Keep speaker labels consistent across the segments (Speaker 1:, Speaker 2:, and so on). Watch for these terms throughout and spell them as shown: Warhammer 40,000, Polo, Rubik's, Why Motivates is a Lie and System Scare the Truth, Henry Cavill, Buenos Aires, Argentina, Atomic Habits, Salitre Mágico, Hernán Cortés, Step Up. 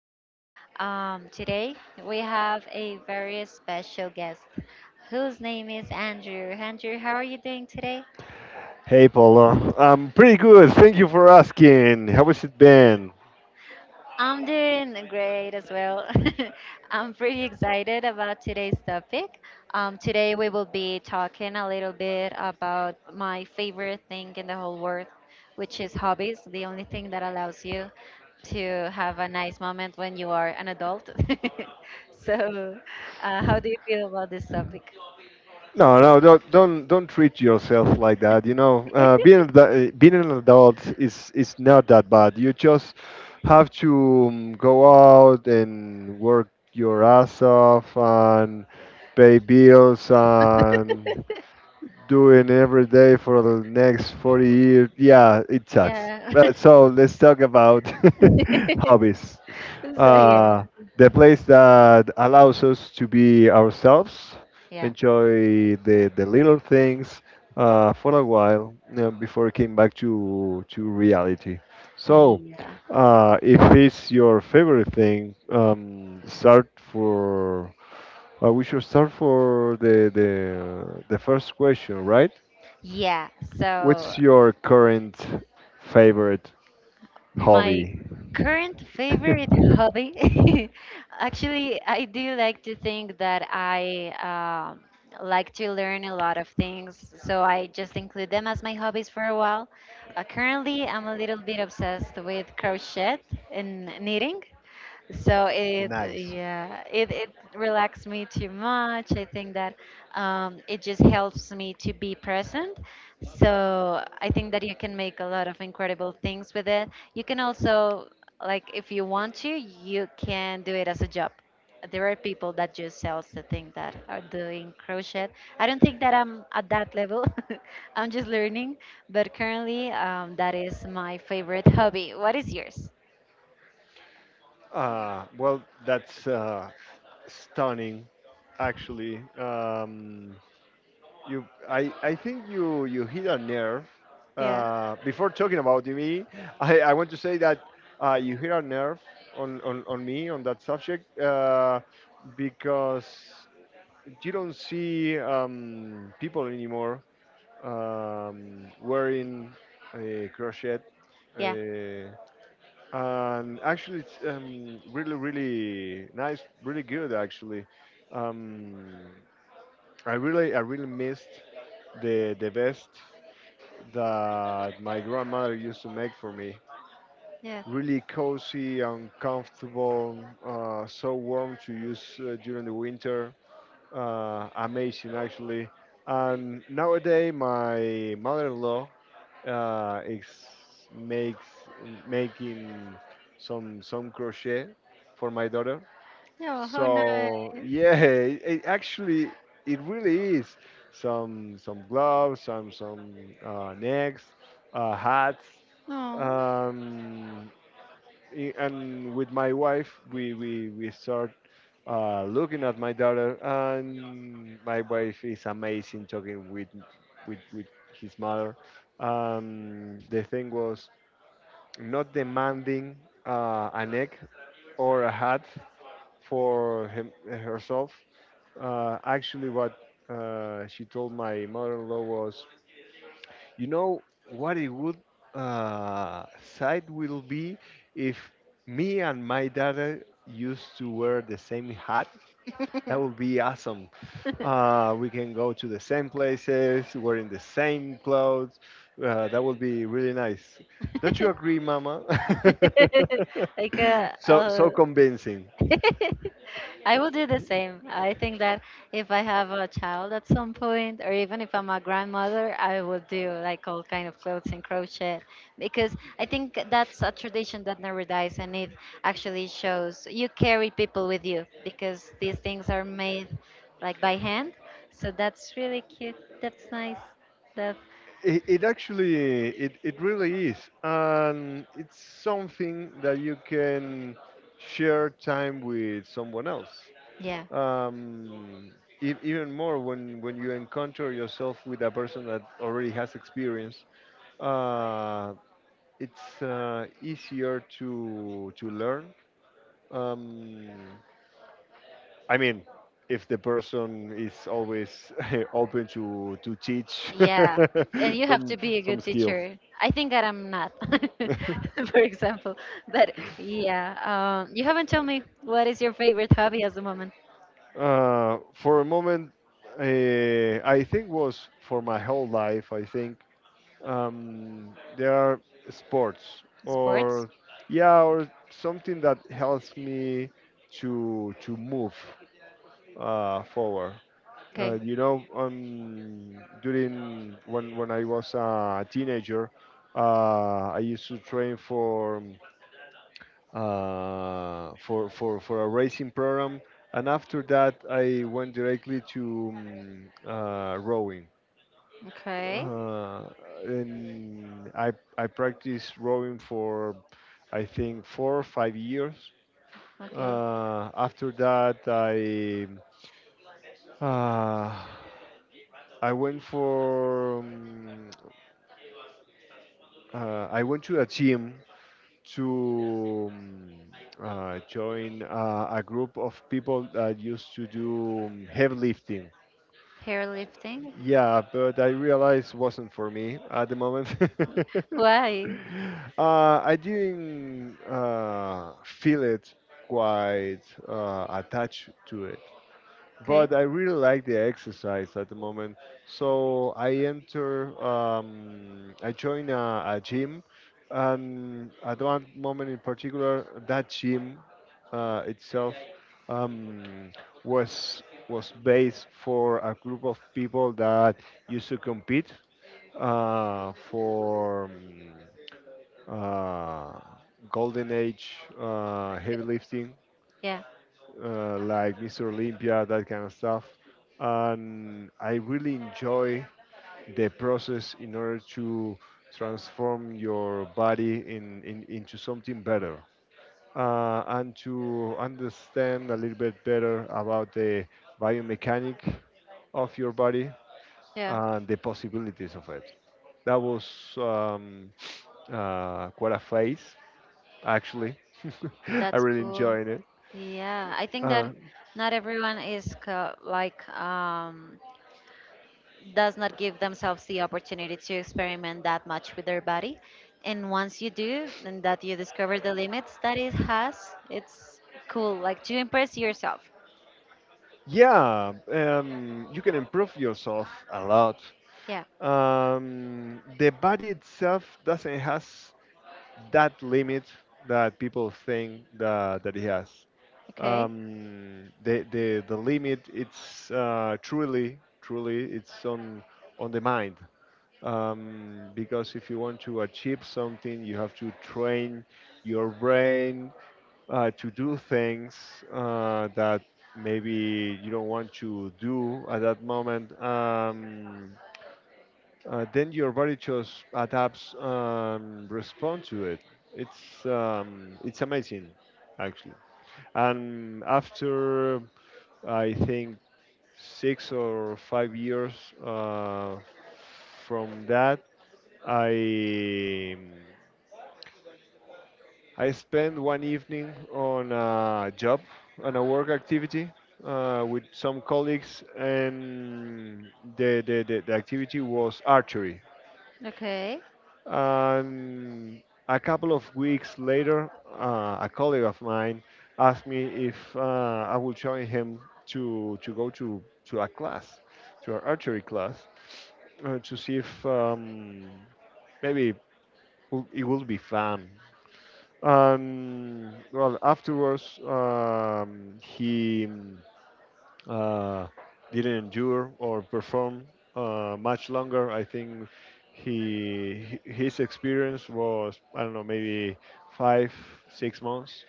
Speaker 1: podcast. Today, we have a very special guest whose name is Andrew. Andrew, how are you doing today?
Speaker 2: Hey, Polo. I'm pretty good. Thank you for asking. How has it been?
Speaker 1: I'm doing great as well. I'm pretty excited about today's topic. Today we will be talking a little bit about my favorite thing in the whole world, which is hobbies, the only thing that allows you to have a nice moment when you are an adult. so, how do you feel about this topic?
Speaker 2: No, no, don't treat yourself like that. You know, being an being an adult is not that bad. You just have to go out and work your ass off and pay bills and doing every day for the next 40 years. Yeah, it sucks.
Speaker 1: Yeah.
Speaker 2: But so let's talk about hobbies.
Speaker 1: So, yeah.
Speaker 2: Uh, the place that allows us to be ourselves,
Speaker 1: Yeah.
Speaker 2: enjoy the little things for a while, you know, before it came back to reality. So,
Speaker 1: Yeah.
Speaker 2: if it's your favorite thing, start for. We should start for the first question, right?
Speaker 1: Yeah. So
Speaker 2: What's your current favorite
Speaker 1: my
Speaker 2: hobby?
Speaker 1: current favorite hobby, actually, I do like to think that I like to learn a lot of things, so I just include them as my hobbies for a while. Currently, I'm a little bit obsessed with crochet and knitting. So it,
Speaker 2: Nice.
Speaker 1: yeah, it, it relaxed me too much. I think that it just helps me to be present. So I think that you can make a lot of incredible things with it. You can also, like, if you want to, you can do it as a job. There are people that just sells the thing that are doing crochet. I don't think that I'm at that level. I'm just learning, but currently that is my favorite hobby. What is yours?
Speaker 2: Well, that's stunning, actually. I think you hit a nerve.
Speaker 1: Yeah.
Speaker 2: Before talking about me, I want to say that you hit a nerve on me on that subject, because you don't see people anymore, wearing a crochet.
Speaker 1: Yeah.
Speaker 2: Uh, and actually it's, really really nice, really good actually. Um, i really i really missed the best that my grandmother used to make for me.
Speaker 1: Yeah.
Speaker 2: Really cozy and comfortable, so warm to use during the winter. Amazing, actually. And nowadays my mother-in-law, it's makes making some crochet for my daughter.
Speaker 1: Oh, how nice.
Speaker 2: So yeah, it actually it really is some gloves, some necks, hats.
Speaker 1: Oh.
Speaker 2: Um, and with my wife we start looking at my daughter, and my wife is amazing talking with his mother. The thing was not demanding an egg or a hat for him, herself. Actually what She told my mother-in-law, was "you know what a good uh, sight will be if me and my daughter used to wear the same hat. That would be awesome. We can go to the same places, wearing the same clothes. That would be really nice. Don't you agree, Mama?"
Speaker 1: like a,
Speaker 2: so
Speaker 1: uh,
Speaker 2: so convincing.
Speaker 1: I will do the same. I think that if I have a child at some point, or even if I'm a grandmother, I will do like all kind of clothes and crochet because I think that's a tradition that never dies, and it actually shows you carry people with you because these things are made like by hand. So that's really cute. That's nice. That.
Speaker 2: It actually it really is, and it's something that you can share time with someone else.
Speaker 1: Yeah.
Speaker 2: um, Even more, when you encounter yourself with a person that already has experience, uh, it's easier to learn. Um, i mean, if the person is always open to teach
Speaker 1: Yeah. And you have
Speaker 2: some
Speaker 1: to be a good
Speaker 2: skills.
Speaker 1: teacher. I think that I'm not, for example. But yeah, you haven't told me what is your favorite hobby at the moment?
Speaker 2: For a moment, uh, I think was for my whole life. I think there are sports
Speaker 1: Sports?
Speaker 2: or, yeah, or something that helps me to move forward.
Speaker 1: Okay.
Speaker 2: You know, during when I was a teenager, I used to train for, for a racing program, and after that I went directly to rowing.
Speaker 1: Okay.
Speaker 2: Uh, and I practiced rowing for, I think, 4 or 5 years.
Speaker 1: Okay.
Speaker 2: After that uh, I went for, I went to a gym to, join a group of people that used to do heavy lifting.
Speaker 1: Hair lifting.
Speaker 2: Yeah, but I realized wasn't for me at the moment.
Speaker 1: Why?
Speaker 2: I didn't feel it quite attached to it,
Speaker 1: Okay.
Speaker 2: but I really like the exercise at the moment. So I enter, I join a gym, and at one moment in particular, that gym itself, um, was was based for a group of people that used to compete for uh, golden age heavy
Speaker 1: Okay.
Speaker 2: lifting,
Speaker 1: Yeah.
Speaker 2: like Mr. Olympia, that kind of stuff. And I really enjoy the process in order to transform your body in into something better, and to understand a little bit better about the biomechanic of your body
Speaker 1: Yeah.
Speaker 2: and the possibilities of it. That was, um, quite a phase, actually. I
Speaker 1: That's
Speaker 2: really
Speaker 1: cool.
Speaker 2: enjoyed it.
Speaker 1: Yeah. I think
Speaker 2: Uh,
Speaker 1: that not everyone is co- does not give themselves the opportunity to experiment that much with their body. And once you do, and that you discover the limits that it has, it's cool, like to impress yourself.
Speaker 2: Yeah, you can improve yourself a lot.
Speaker 1: Yeah.
Speaker 2: The body itself doesn't has that limit that people think that it has.
Speaker 1: Okay.
Speaker 2: The limit it's truly it's on the mind, because if you want to achieve something you have to train your brain to do things that maybe you don't want to do at that moment, then your body just adapts, respond to it. It's, it's amazing, actually. And after, I think, 6 or 5 years uh, from that, I I spent one evening on a job, on a work activity with some colleagues, and the activity was archery.
Speaker 1: Okay.
Speaker 2: And a couple of weeks later, a colleague of mine asked me if I would join him to go to a class, to an archery class, to see if maybe it will be fun. Well, afterwards, he uh, didn't endure or perform much longer. I think his experience was, I don't know, maybe 5 6 months,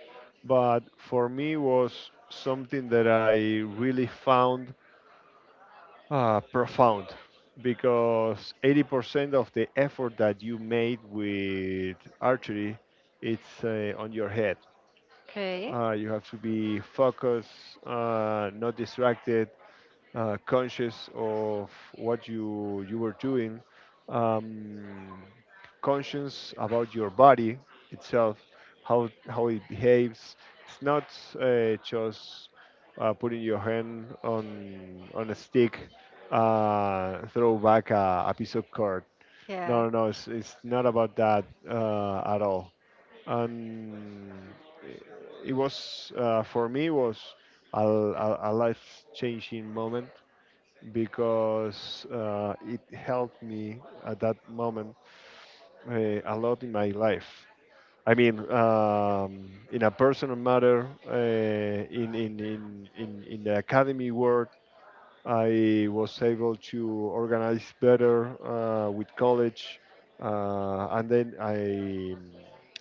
Speaker 2: but for me was something that I really found profound, because 80% of the effort that you made with archery it's on your head.
Speaker 1: Okay.
Speaker 2: You have to be focused, not distracted, conscious of what you were doing, um, conscious about your body itself, how it behaves. It's not just putting your hand on a stick, throw back a piece of cord.
Speaker 1: Yeah.
Speaker 2: No, no, no. It's not about that at all. And eh, it was for me was a life changing moment because it helped me at that moment uh, a lot in my life. I mean, in a personal matter, in the academy world, I was able to organize better with college, and then I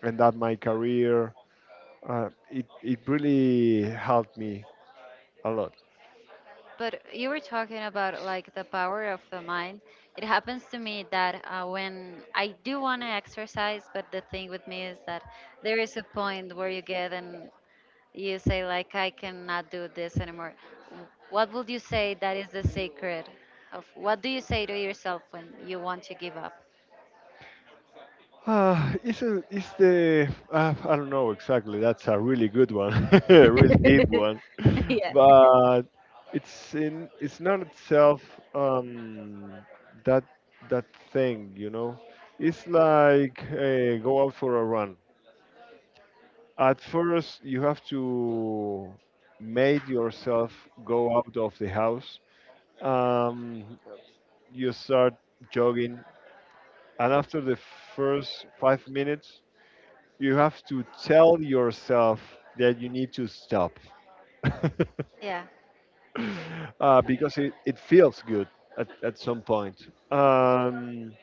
Speaker 2: end up my career. It it really helped me a lot.
Speaker 1: But you were talking about like the power of the mind. It happens to me that when I do want to exercise, but the thing with me is that there is a point where you get an You say like I cannot do this anymore. What would you say that is the secret of what do you say to yourself when you want to give up?
Speaker 2: It's the, I don't know exactly. That's a really good one, a really deep one,
Speaker 1: yeah.
Speaker 2: but it's not itself um, that that thing. You know, it's like go out for a run. At first, you have to make yourself go out of the house. Um, you start jogging. And after the first 5 minutes, you have to tell yourself that you need to stop
Speaker 1: Yeah.
Speaker 2: because it feels good at some point. Um,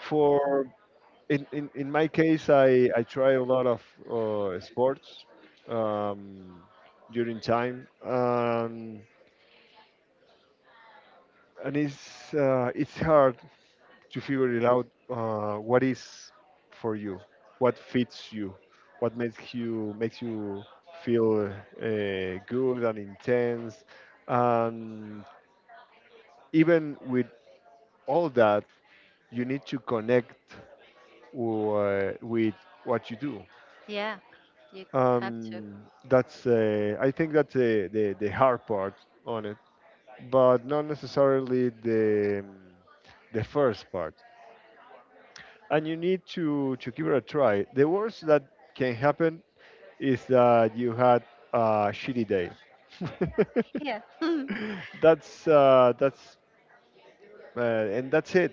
Speaker 2: for in my case, I try a lot of sports um, during time, and it's, it's hard to figure it out what is for you, what fits you, what makes you feel good and intense, and even with all that, you need to connect with what you do.
Speaker 1: Yeah. You have to.
Speaker 2: Um, that's I think that's the hard part on it, but not necessarily the first part, and you need to give it a try. The worst that can happen is that you had a shitty day.
Speaker 1: Yeah.
Speaker 2: That's And that's it.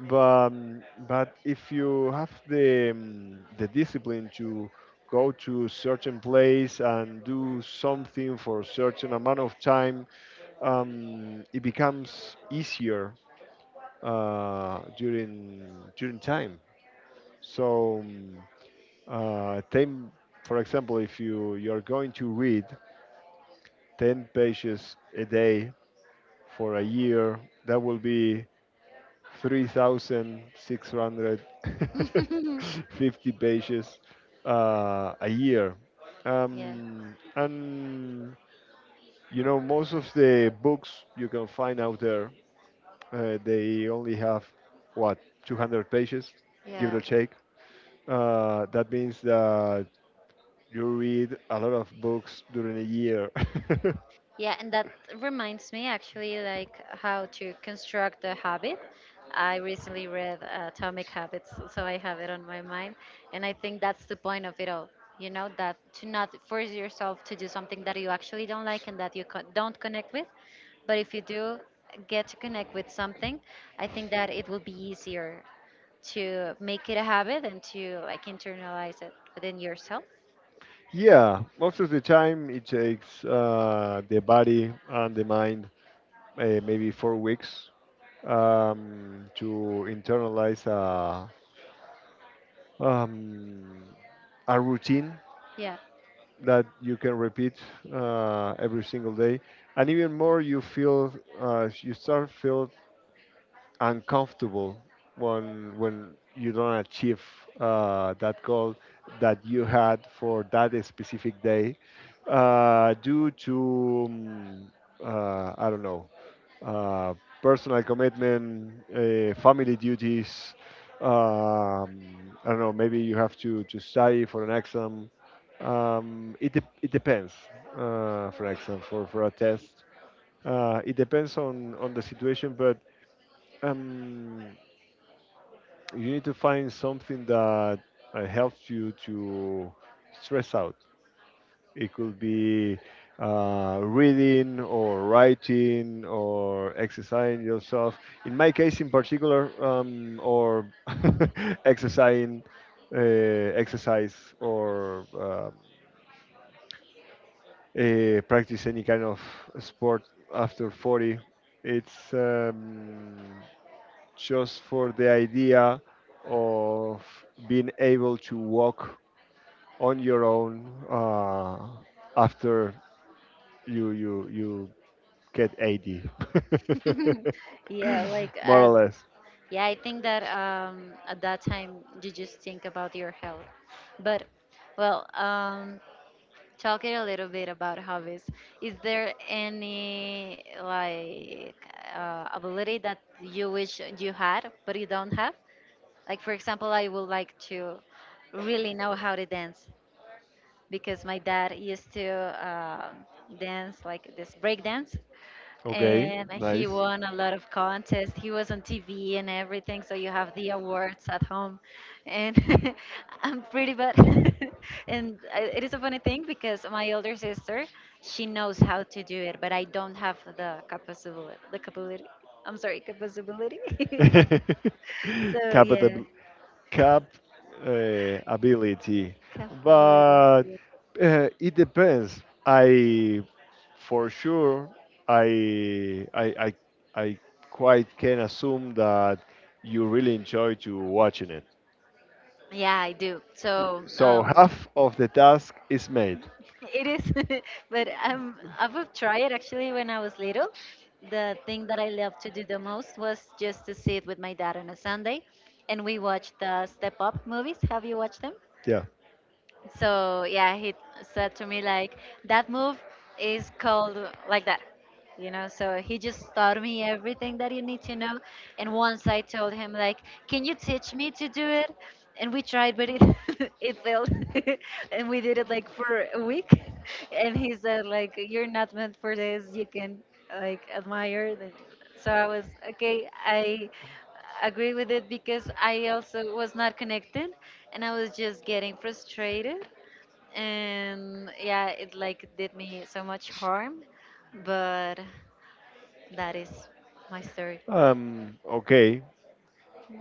Speaker 2: But, but if you have the, the discipline to go to certain place and do something for a certain amount of time, it becomes easier uh, during during time. So. 10, for example, if you're going to read 10 pages a day for a year, that will be 3,650 pages a year.
Speaker 1: yeah.
Speaker 2: And you know, most of the books you can find out there, they only have, what, 200 pages, give
Speaker 1: Yeah.
Speaker 2: it a shake. That means that you read a lot of books during a year.
Speaker 1: Yeah, and that reminds me actually like how to construct a habit. I recently read Atomic Habits, so I have it on my mind, and I think that's the point of it all. You know, that to not force yourself to do something that you actually don't like and that you don't connect with, but if you do get to connect with something, I think that it will be easier to make it a habit and to like internalize it within yourself.
Speaker 2: yeah, most of the time it takes the body and the mind maybe 4 weeks, to internalize um, a routine
Speaker 1: Yeah.
Speaker 2: that you can repeat every single day. And even more, you feel, you start feel uncomfortable when you don't achieve that goal that you had for that specific day due to I don't know, uh, personal commitment, family duties. I don't know. Maybe you have to study for an exam. It depends. For an exam, for a test, it depends on the situation, but, um, you need to find something that helps you to stress out. It could be reading or writing or exercising yourself. In my case, in particular, or exercising, exercise or, practice any kind of sport after 40. It's, just for the idea of being able to walk on your own, after you get 80,
Speaker 1: yeah, like
Speaker 2: more
Speaker 1: uh,
Speaker 2: or less.
Speaker 1: Yeah, I think that at that time you just think about your health. But, well, talking a little bit about hobbies, is there any ability that you wish you had but you don't have? Like, for example, I would like to really know how to dance because my dad used to um dance like this break dance
Speaker 2: Okay.
Speaker 1: and he
Speaker 2: Nice.
Speaker 1: won a lot of contests. He was on TV and everything, so you have the awards at home. And I'm pretty bad. and it is a funny thing because my older sister, she knows how to do it, but I don't have the capability. The capability. I'm sorry, capability. so yeah,
Speaker 2: capital cap Ability,
Speaker 1: capability.
Speaker 2: but
Speaker 1: Yeah,
Speaker 2: it depends. I For sure I I I I quite can assume that you really enjoy to watching it.
Speaker 1: yeah, I do. So
Speaker 2: So half of the task is made.
Speaker 1: it is, but I would try it actually when I was little. The thing that I loved to do the most was just to sit with my dad on a Sunday and we watched the Step Up movies. Have you watched them?
Speaker 2: Yeah.
Speaker 1: So yeah, he said to me like that move is called like that. You know, so he just taught me everything that you need to know. And once I told him like, "Can you teach me to do it?" And we tried, but it it failed. and we did it like for a week. And he said like, "You're not meant for this. You can like admire." So I was okay. I agree with it because I also was not connected and I was just getting frustrated. And yeah, it like did me so much harm. But that is my story.
Speaker 2: Okay.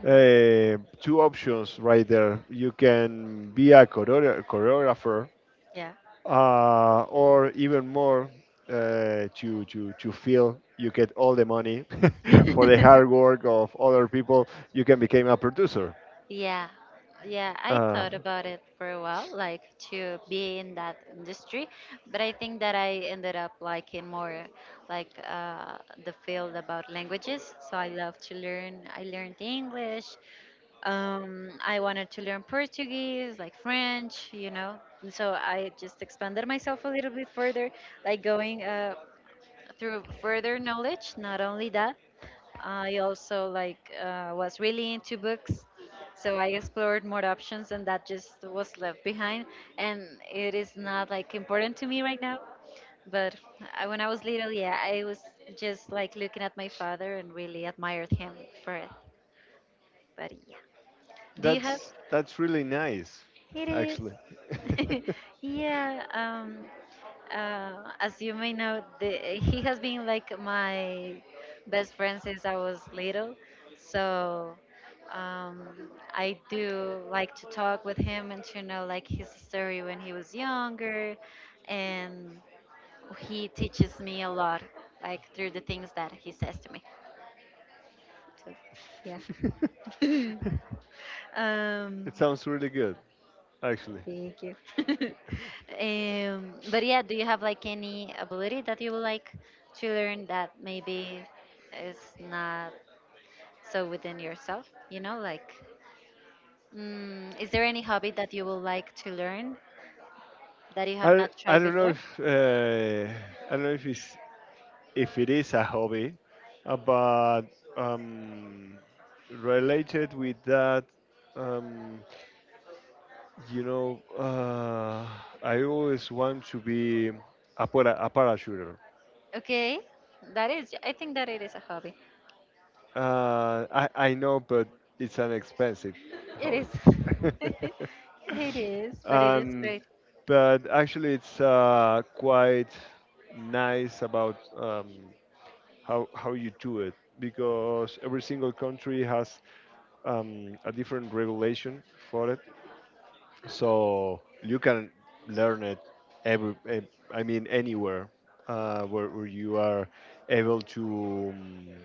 Speaker 2: Two options right there. You can be a choreographer,
Speaker 1: Yeah.
Speaker 2: or even more, to feel you get all the money for the hard work of other people, you can become a producer.
Speaker 1: Yeah, yeah, I
Speaker 2: Uh,
Speaker 1: thought about it for a while, like to be in that industry, but I think that I ended up liking more like uh, the field about languages. So I love to learn. I learned English. I wanted to learn Portuguese, like French, you know. And so I just expanded myself a little bit further, like going through further knowledge. Not only that, I also was really into books, so I explored more options, and that just was left behind. And it is not like important to me right now. But I, when I was little, yeah, I was just like looking at my father and really admired him for it. But yeah, do you have?
Speaker 2: that's really nice,
Speaker 1: It
Speaker 2: actually.
Speaker 1: is. yeah. As you may know, the, he has been like my best friend since I was little. So um, I do like to talk with him and to know like his story when he was younger, and he teaches me a lot, like through the things that he says to me. So yeah. um,
Speaker 2: It sounds really good, actually.
Speaker 1: thank you. But yeah, do you have like any ability that you would like to learn that maybe is not so within yourself? You know, like, mm, is there any hobby that you would like to learn that you have
Speaker 2: I,
Speaker 1: not
Speaker 2: I
Speaker 1: tried
Speaker 2: don't know
Speaker 1: before?
Speaker 2: if I don't know if it's if it is a hobby, but um, related with that, um, you know, uh, I always want to be a parachuter.
Speaker 1: Okay, that is, I think that it is a hobby.
Speaker 2: I know, but it's an expensive
Speaker 1: It
Speaker 2: hobby.
Speaker 1: is. It is, but it is
Speaker 2: um,
Speaker 1: great.
Speaker 2: but actually, it's quite nice about how you do it, because every single country has a different regulation for it, so you can learn it every. eh, I mean, anywhere where you are able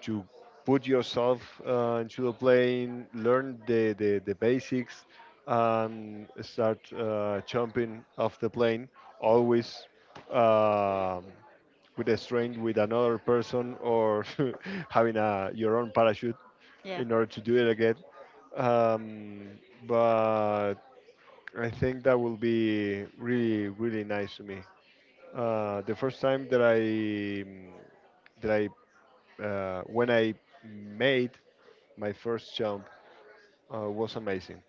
Speaker 2: to put yourself into the plane, learn the basics, start jumping off the plane. Always. Um, with a strange with another person, or having a your own parachute,
Speaker 1: Yeah.
Speaker 2: in order to do it again. Um, but I think that will be really, really nice to me. The first time that I mm, that I when I made my first jump, was amazing.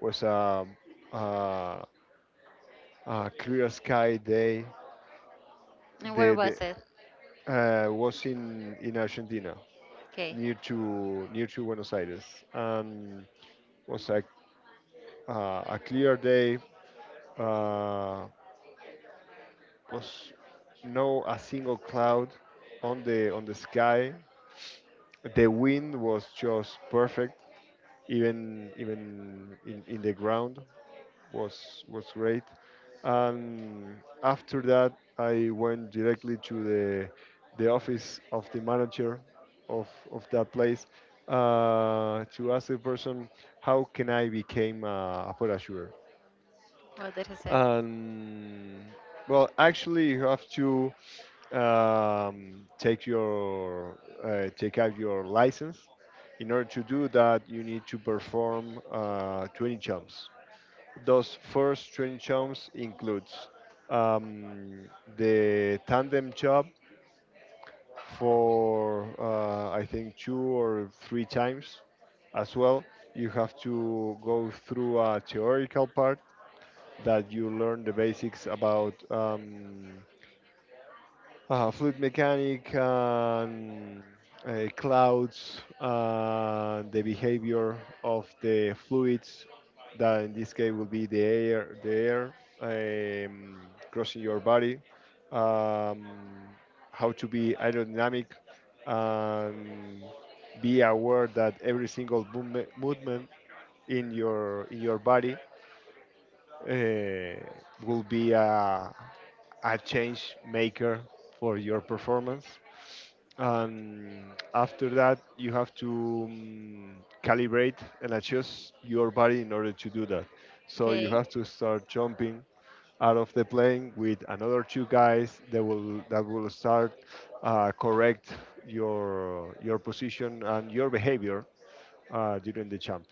Speaker 2: Was uh a clear sky day.
Speaker 1: And
Speaker 2: The,
Speaker 1: where was it?
Speaker 2: the Was in Argentina,
Speaker 1: Okay.
Speaker 2: near to Buenos Aires, and was like a clear day. Uh, was no a single cloud on the sky. The wind was just perfect. Even in the ground was great. And after that, I went directly to the office of the manager of that place, to ask the person how can I become a parachuter.
Speaker 1: What did he say?
Speaker 2: And well, actually, you have to take out your license. In order to do that, you need to perform 20 jumps. Those first 20 jumps includes um, the tandem jump for I think two or three times. As well, you have to go through a theoretical part that you learn the basics about. Fluid mechanic, and clouds, the behavior of the fluids, that in this case will be the air, um, crossing your body, um, how to be aerodynamic, and be aware that every single movement in your body uh, will be a change maker for your performance. And after that, you have to calibrate and adjust your body in order to do that. So you
Speaker 1: Okay.
Speaker 2: have to start jumping out of the plane with another two guys that will start, correct your position and your behavior during the jump.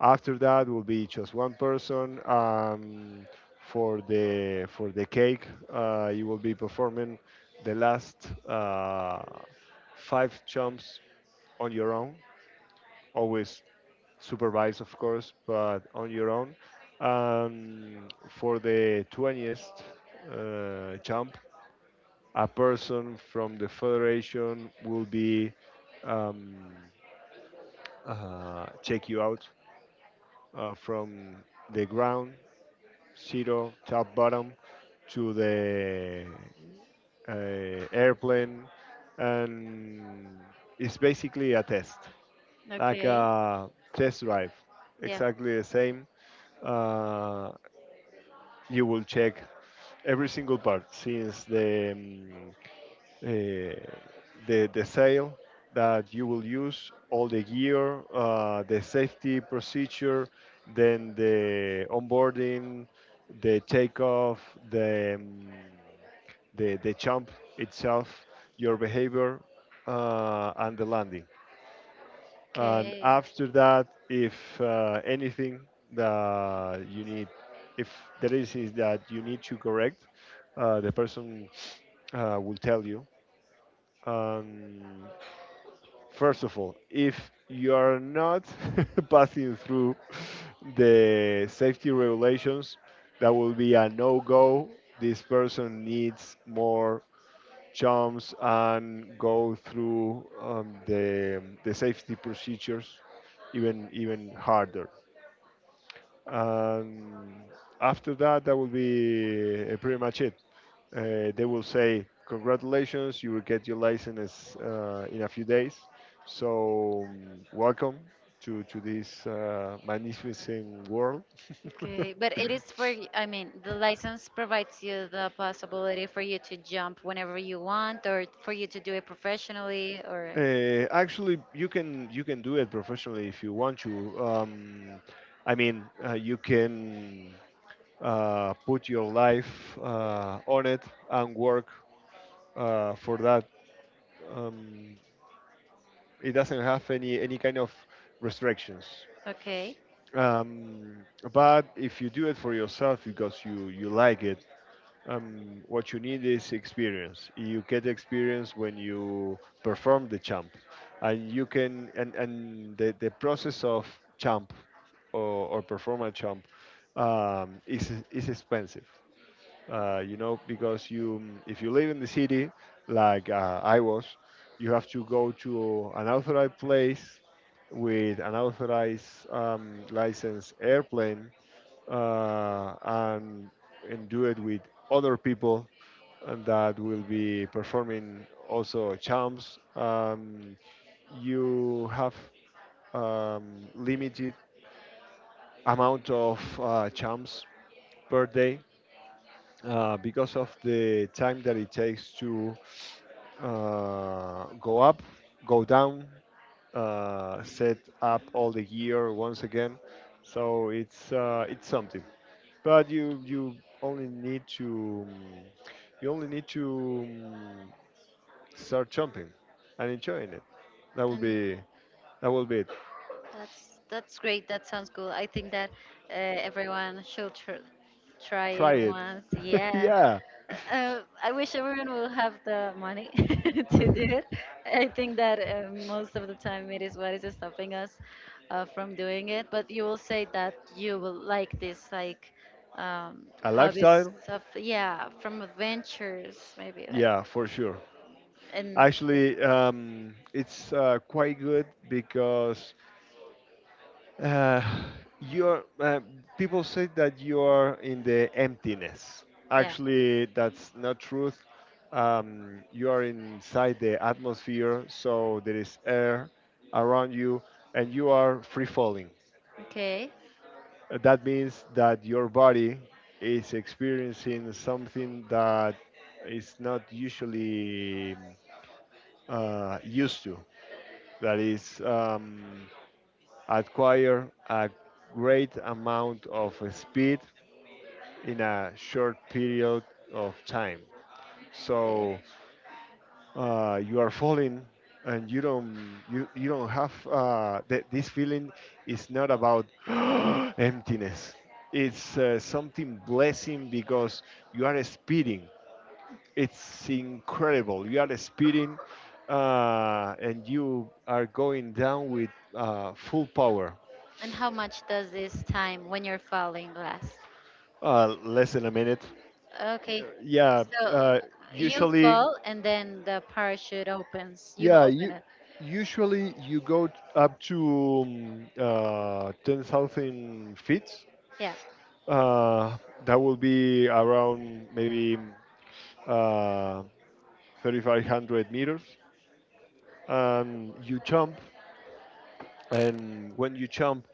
Speaker 2: After that will be just one person. For the cake, you will be performing the last five jumps on your own. Always supervised, of course, but on your own. For the 20th jump, a person from the federation will be, um, check you out from the ground zero, top bottom, to the airplane, and it's basically a test, like
Speaker 1: Okay.
Speaker 2: a test drive,
Speaker 1: Yeah.
Speaker 2: exactly the same. uh, you will check every single part, since the uh, the sail that you will use, all the gear, the safety procedure, then the onboarding, the takeoff, the the jump itself, your behavior, and the landing. And
Speaker 1: Okay,
Speaker 2: after that, if anything that you need, if there is that you need to correct, the person will tell you. um, First of all, if you are not passing through the safety regulations, that will be a no go. This person needs more jumps and go through the safety procedures, even harder. Um, after that, that will be pretty much it. They will say congratulations, you will get your license in a few days. So welcome to this magnificent world.
Speaker 1: okay. But it is for, I mean, the license provides you the possibility for you to jump whenever you want or for you to do it professionally or,
Speaker 2: Actually, you can do it professionally if you want to. I mean, you can put your life on it and work for that. Um, it doesn't have any kind of restrictions.
Speaker 1: okay.
Speaker 2: Um, but if you do it for yourself because you like it, what you need is experience. You get experience when you perform the champ, and you can and the process of champ, or, or perform a champ, is expensive. Because you, if you live in the city, like I was, you have to go to an authorized place with an authorized licensed airplane, and do it with other people, and that will be performing also charms. You have limited amount of charms per day, because of the time that it takes to go up, go down, set up all the gear once again. So it's something. But only need to um, you only need to, start jumping and enjoying it. That will be that will be it.
Speaker 1: That's great. That sounds cool. I think that everyone should tr try
Speaker 2: Try
Speaker 1: it
Speaker 2: it.
Speaker 1: once. Yeah.
Speaker 2: Yeah.
Speaker 1: I wish everyone will have the money to do it. I think that most of the time it is what is stopping us from doing it. But you will say that you will like this, um,
Speaker 2: A
Speaker 1: hobbies
Speaker 2: lifestyle?
Speaker 1: of yeah, from adventures maybe like
Speaker 2: Yeah, for sure.
Speaker 1: and
Speaker 2: Actually, it's quite good because, uh, you're, uh, people say that you are in the emptiness.
Speaker 1: yeah.
Speaker 2: Actually, that's not truth. You are inside the atmosphere, so there is air around you, and you are free falling.
Speaker 1: Okay.
Speaker 2: That means that your body is experiencing something that is not usually used to. That is, acquire a great amount of speed in a short period of time.
Speaker 1: Okay.
Speaker 2: So you are falling, and you don't have this feeling. Is not about emptiness. It's something blessing, because you are speeding, it's incredible. You are speeding, and you are going down with full power.
Speaker 1: And how much does this time when you're falling last?
Speaker 2: Less than a minute.
Speaker 1: Okay,
Speaker 2: Yeah,
Speaker 1: so
Speaker 2: uh,
Speaker 1: you
Speaker 2: usually,
Speaker 1: fall and then the parachute opens. You
Speaker 2: yeah,
Speaker 1: open it.
Speaker 2: you go up to 10,000 feet.
Speaker 1: Yeah.
Speaker 2: Uh, that will be around maybe uh, 3,500 meters. And you jump, and when you jump,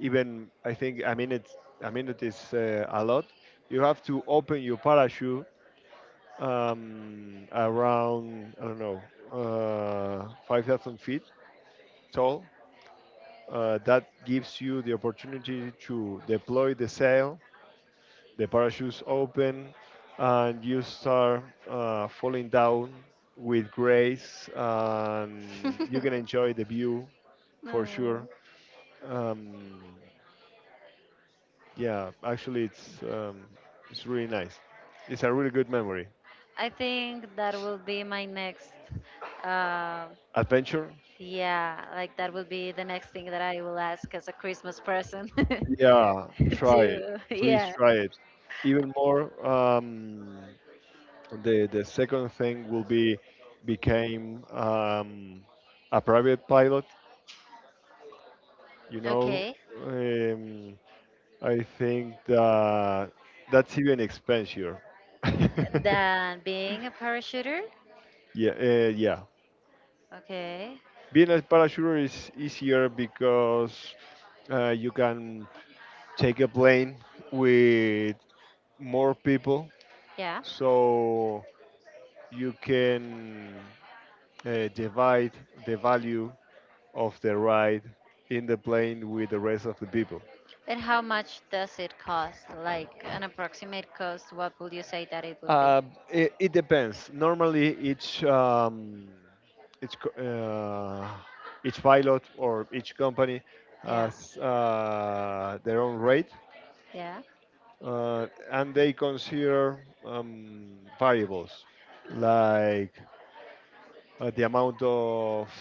Speaker 2: even, I think, I mean it. I mean it is a lot. You have to open your parachute around, I don't know, 5,000 feet tall. That gives you the opportunity to deploy the sail. The parachute's open, and you start falling down with grace. And you can enjoy the view, for
Speaker 1: No.
Speaker 2: sure. Um, Yeah actually, it's really nice. It's a really good memory.
Speaker 1: I think that will be my next. Um,
Speaker 2: Adventure?
Speaker 1: yeah, like that will be the next thing that I will ask as a Christmas present.
Speaker 2: Yeah, try it.
Speaker 1: to
Speaker 2: Please
Speaker 1: yeah.
Speaker 2: try it. Even more, the second thing will be, became a private pilot. You know,
Speaker 1: Okay.
Speaker 2: um, I think that that's even expensive.
Speaker 1: Then being a parachuter.
Speaker 2: Yeah, yeah.
Speaker 1: Okay.
Speaker 2: Being a parachuter is easier because you can take a plane with more people,
Speaker 1: Yeah.
Speaker 2: so you can divide the value of the ride in the plane with the rest of the people.
Speaker 1: And how much does it cost? Like an approximate cost, what would you say that it would be?
Speaker 2: Uh, it depends. Normally, each co- uh, each pilot or each company
Speaker 1: Yeah.
Speaker 2: has their own rate,
Speaker 1: Yeah.
Speaker 2: and they consider variables, like the amount of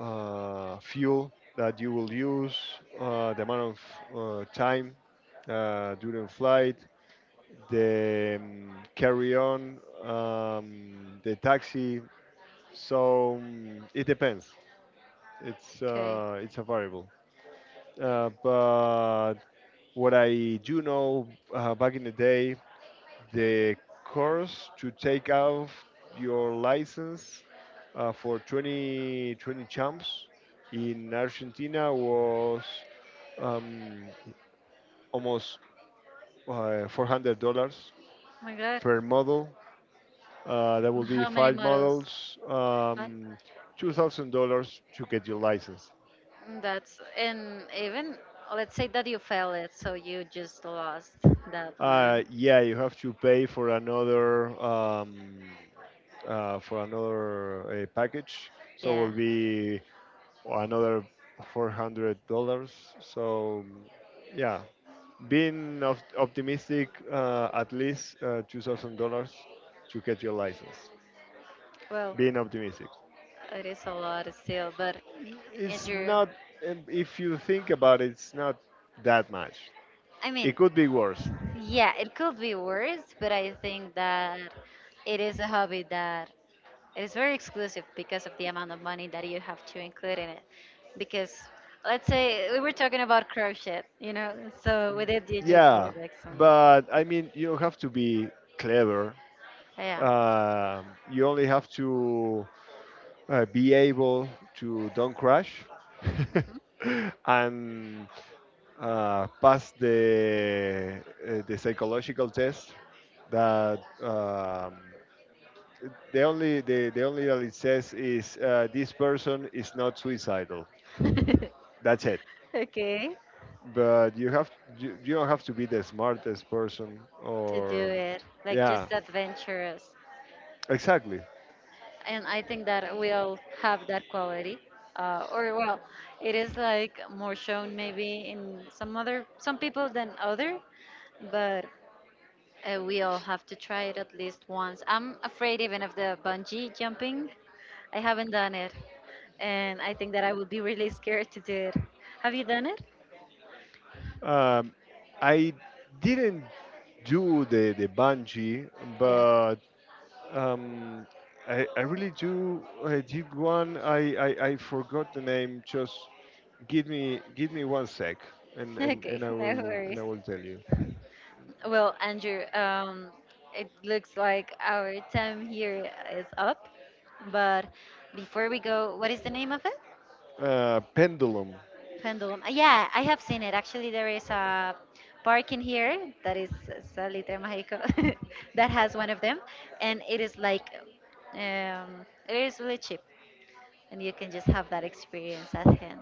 Speaker 2: fuel that you will use, the amount of time during flight, the carry on, the taxi. So it depends. It's
Speaker 1: Okay.
Speaker 2: uh, it's a variable. But what I do know, back in the day, the course to take off your license for 2020 champs in Argentina was um, almost $400
Speaker 1: Oh my God.
Speaker 2: per model. That will
Speaker 1: And
Speaker 2: be
Speaker 1: how many
Speaker 2: five
Speaker 1: models?
Speaker 2: models,
Speaker 1: What?
Speaker 2: $2,000 to get your license.
Speaker 1: Mm, that's and even let's say that you fail it, so you just lost that
Speaker 2: Uh,
Speaker 1: one.
Speaker 2: yeah, you have to pay for another package. So it
Speaker 1: Yeah.
Speaker 2: will be another $400. So yeah, being optimistic, at least $2,000 to get your license.
Speaker 1: Well,
Speaker 2: Being optimistic,
Speaker 1: it is a lot still, but
Speaker 2: it's
Speaker 1: Andrew,
Speaker 2: not. If you think about it, it's not that much.
Speaker 1: I mean,
Speaker 2: It could be worse.
Speaker 1: yeah, it could be worse, but I think that it is a hobby that it is very exclusive because of the amount of money that you have to include in it. Because let's say we were talking about crochet, you know, so with it you just
Speaker 2: Yeah,
Speaker 1: need like some,
Speaker 2: but I mean, you don't have to be clever.
Speaker 1: yeah.
Speaker 2: You only have to be able to don't crash
Speaker 1: Mhm.
Speaker 2: and pass the psychological test, that the only that it says is, this person is not suicidal. That's it.
Speaker 1: okay,
Speaker 2: But you don't have to be the smartest person,
Speaker 1: to do
Speaker 2: or,
Speaker 1: it, like
Speaker 2: yeah,
Speaker 1: just adventurous.
Speaker 2: exactly.
Speaker 1: And I think that we all have that quality. Or well, it is like more shown maybe in some other some people than other, but uh, we all have to try it at least once. I'm afraid even of the bungee jumping. I haven't done it, and I think that I would be really scared to do it. Have you done it?
Speaker 2: Um, I didn't do the bungee,
Speaker 1: Yeah.
Speaker 2: but, Um, I really do. I did one. I forgot the name. Just give me one sec, and
Speaker 1: Okay, no
Speaker 2: I
Speaker 1: worries.
Speaker 2: will tell you.
Speaker 1: Well, Andrew, it looks like our time here is up, but before we go, what is the name of it?
Speaker 2: Pendulum.
Speaker 1: Pendulum. Yeah, I have seen it. Actually, there is a park in here that is Salitre Mágico that has one of them, and it is like it is really cheap, and you can just have that experience at hand.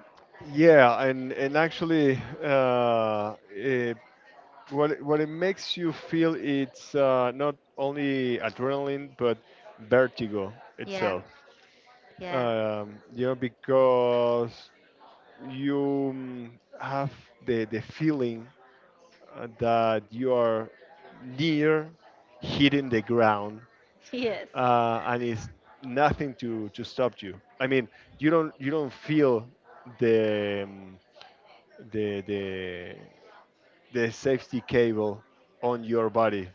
Speaker 2: Yeah, and actually, what it makes you feel, it's not only adrenaline, but vertigo
Speaker 1: Yeah,
Speaker 2: itself.
Speaker 1: yeah,
Speaker 2: Because you mm, have the feeling that you are near hitting the ground,
Speaker 1: yes,
Speaker 2: and it's nothing to stop you. I mean, you don't feel the, the the the safety cable on your body.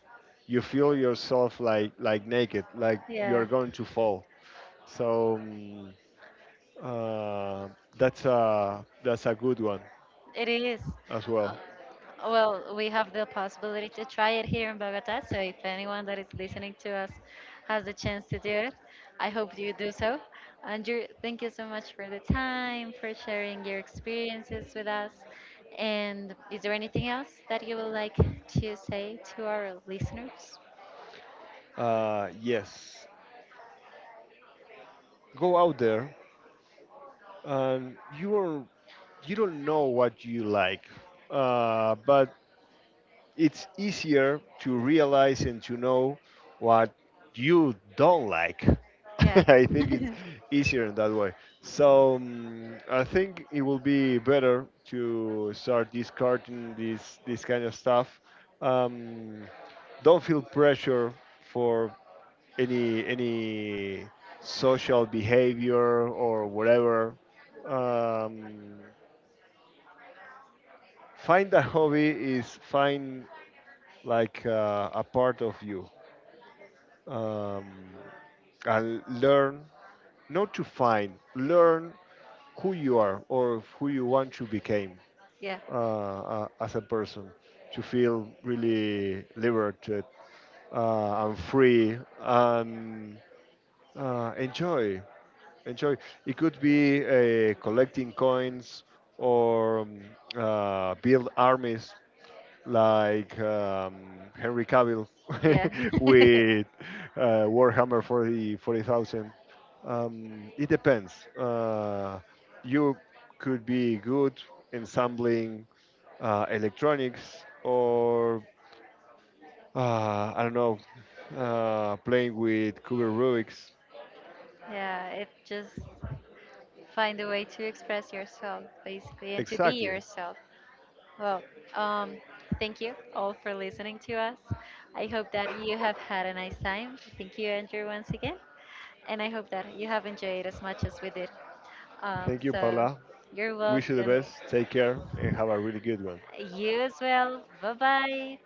Speaker 2: You feel yourself, like, naked, like you're
Speaker 1: yeah.
Speaker 2: going to fall. So uh, that's a good one
Speaker 1: It is.
Speaker 2: as
Speaker 1: Uh,
Speaker 2: well.
Speaker 1: well, we have the possibility to try it here in Bogota. So if anyone that is listening to us has the chance to do it, I hope you do so. Andrew, thank you so much for the time, for sharing your experiences with us. And is there anything else that you would like to say to our listeners?
Speaker 2: Yes, go out there, and you don't know what you like, but it's easier to realize and to know what you don't like.
Speaker 1: Yeah.
Speaker 2: I think it's easier in that way. So I think it will be better to start discarding this kind of stuff. Um, don't feel pressure for any social behavior or whatever. Um, find a hobby is find, like, a part of you, um, and learn, not to find learn who you are, or who you want to become,
Speaker 1: Yeah.
Speaker 2: as a person, to feel really liberated, and free, and enjoy. enjoy it could be collecting coins, or build armies, like, Henry Cavill,
Speaker 1: Yeah.
Speaker 2: with Warhammer 40 40,000. It depends. You could be good ensembling electronics, or I don't know, playing with Kuber Rubik's.
Speaker 1: yeah. It just find a way to express yourself, basically, and to be
Speaker 2: Exactly.
Speaker 1: yourself. Well, um, thank you all for listening to us. I hope that you have had a nice time. Thank you, Andrew, once again. And I hope that you have enjoyed as much as we did.
Speaker 2: Thank you,
Speaker 1: So
Speaker 2: Paula.
Speaker 1: you're
Speaker 2: Wish you the
Speaker 1: welcome.
Speaker 2: best. Take care and have a really good one.
Speaker 1: You as well. Bye bye.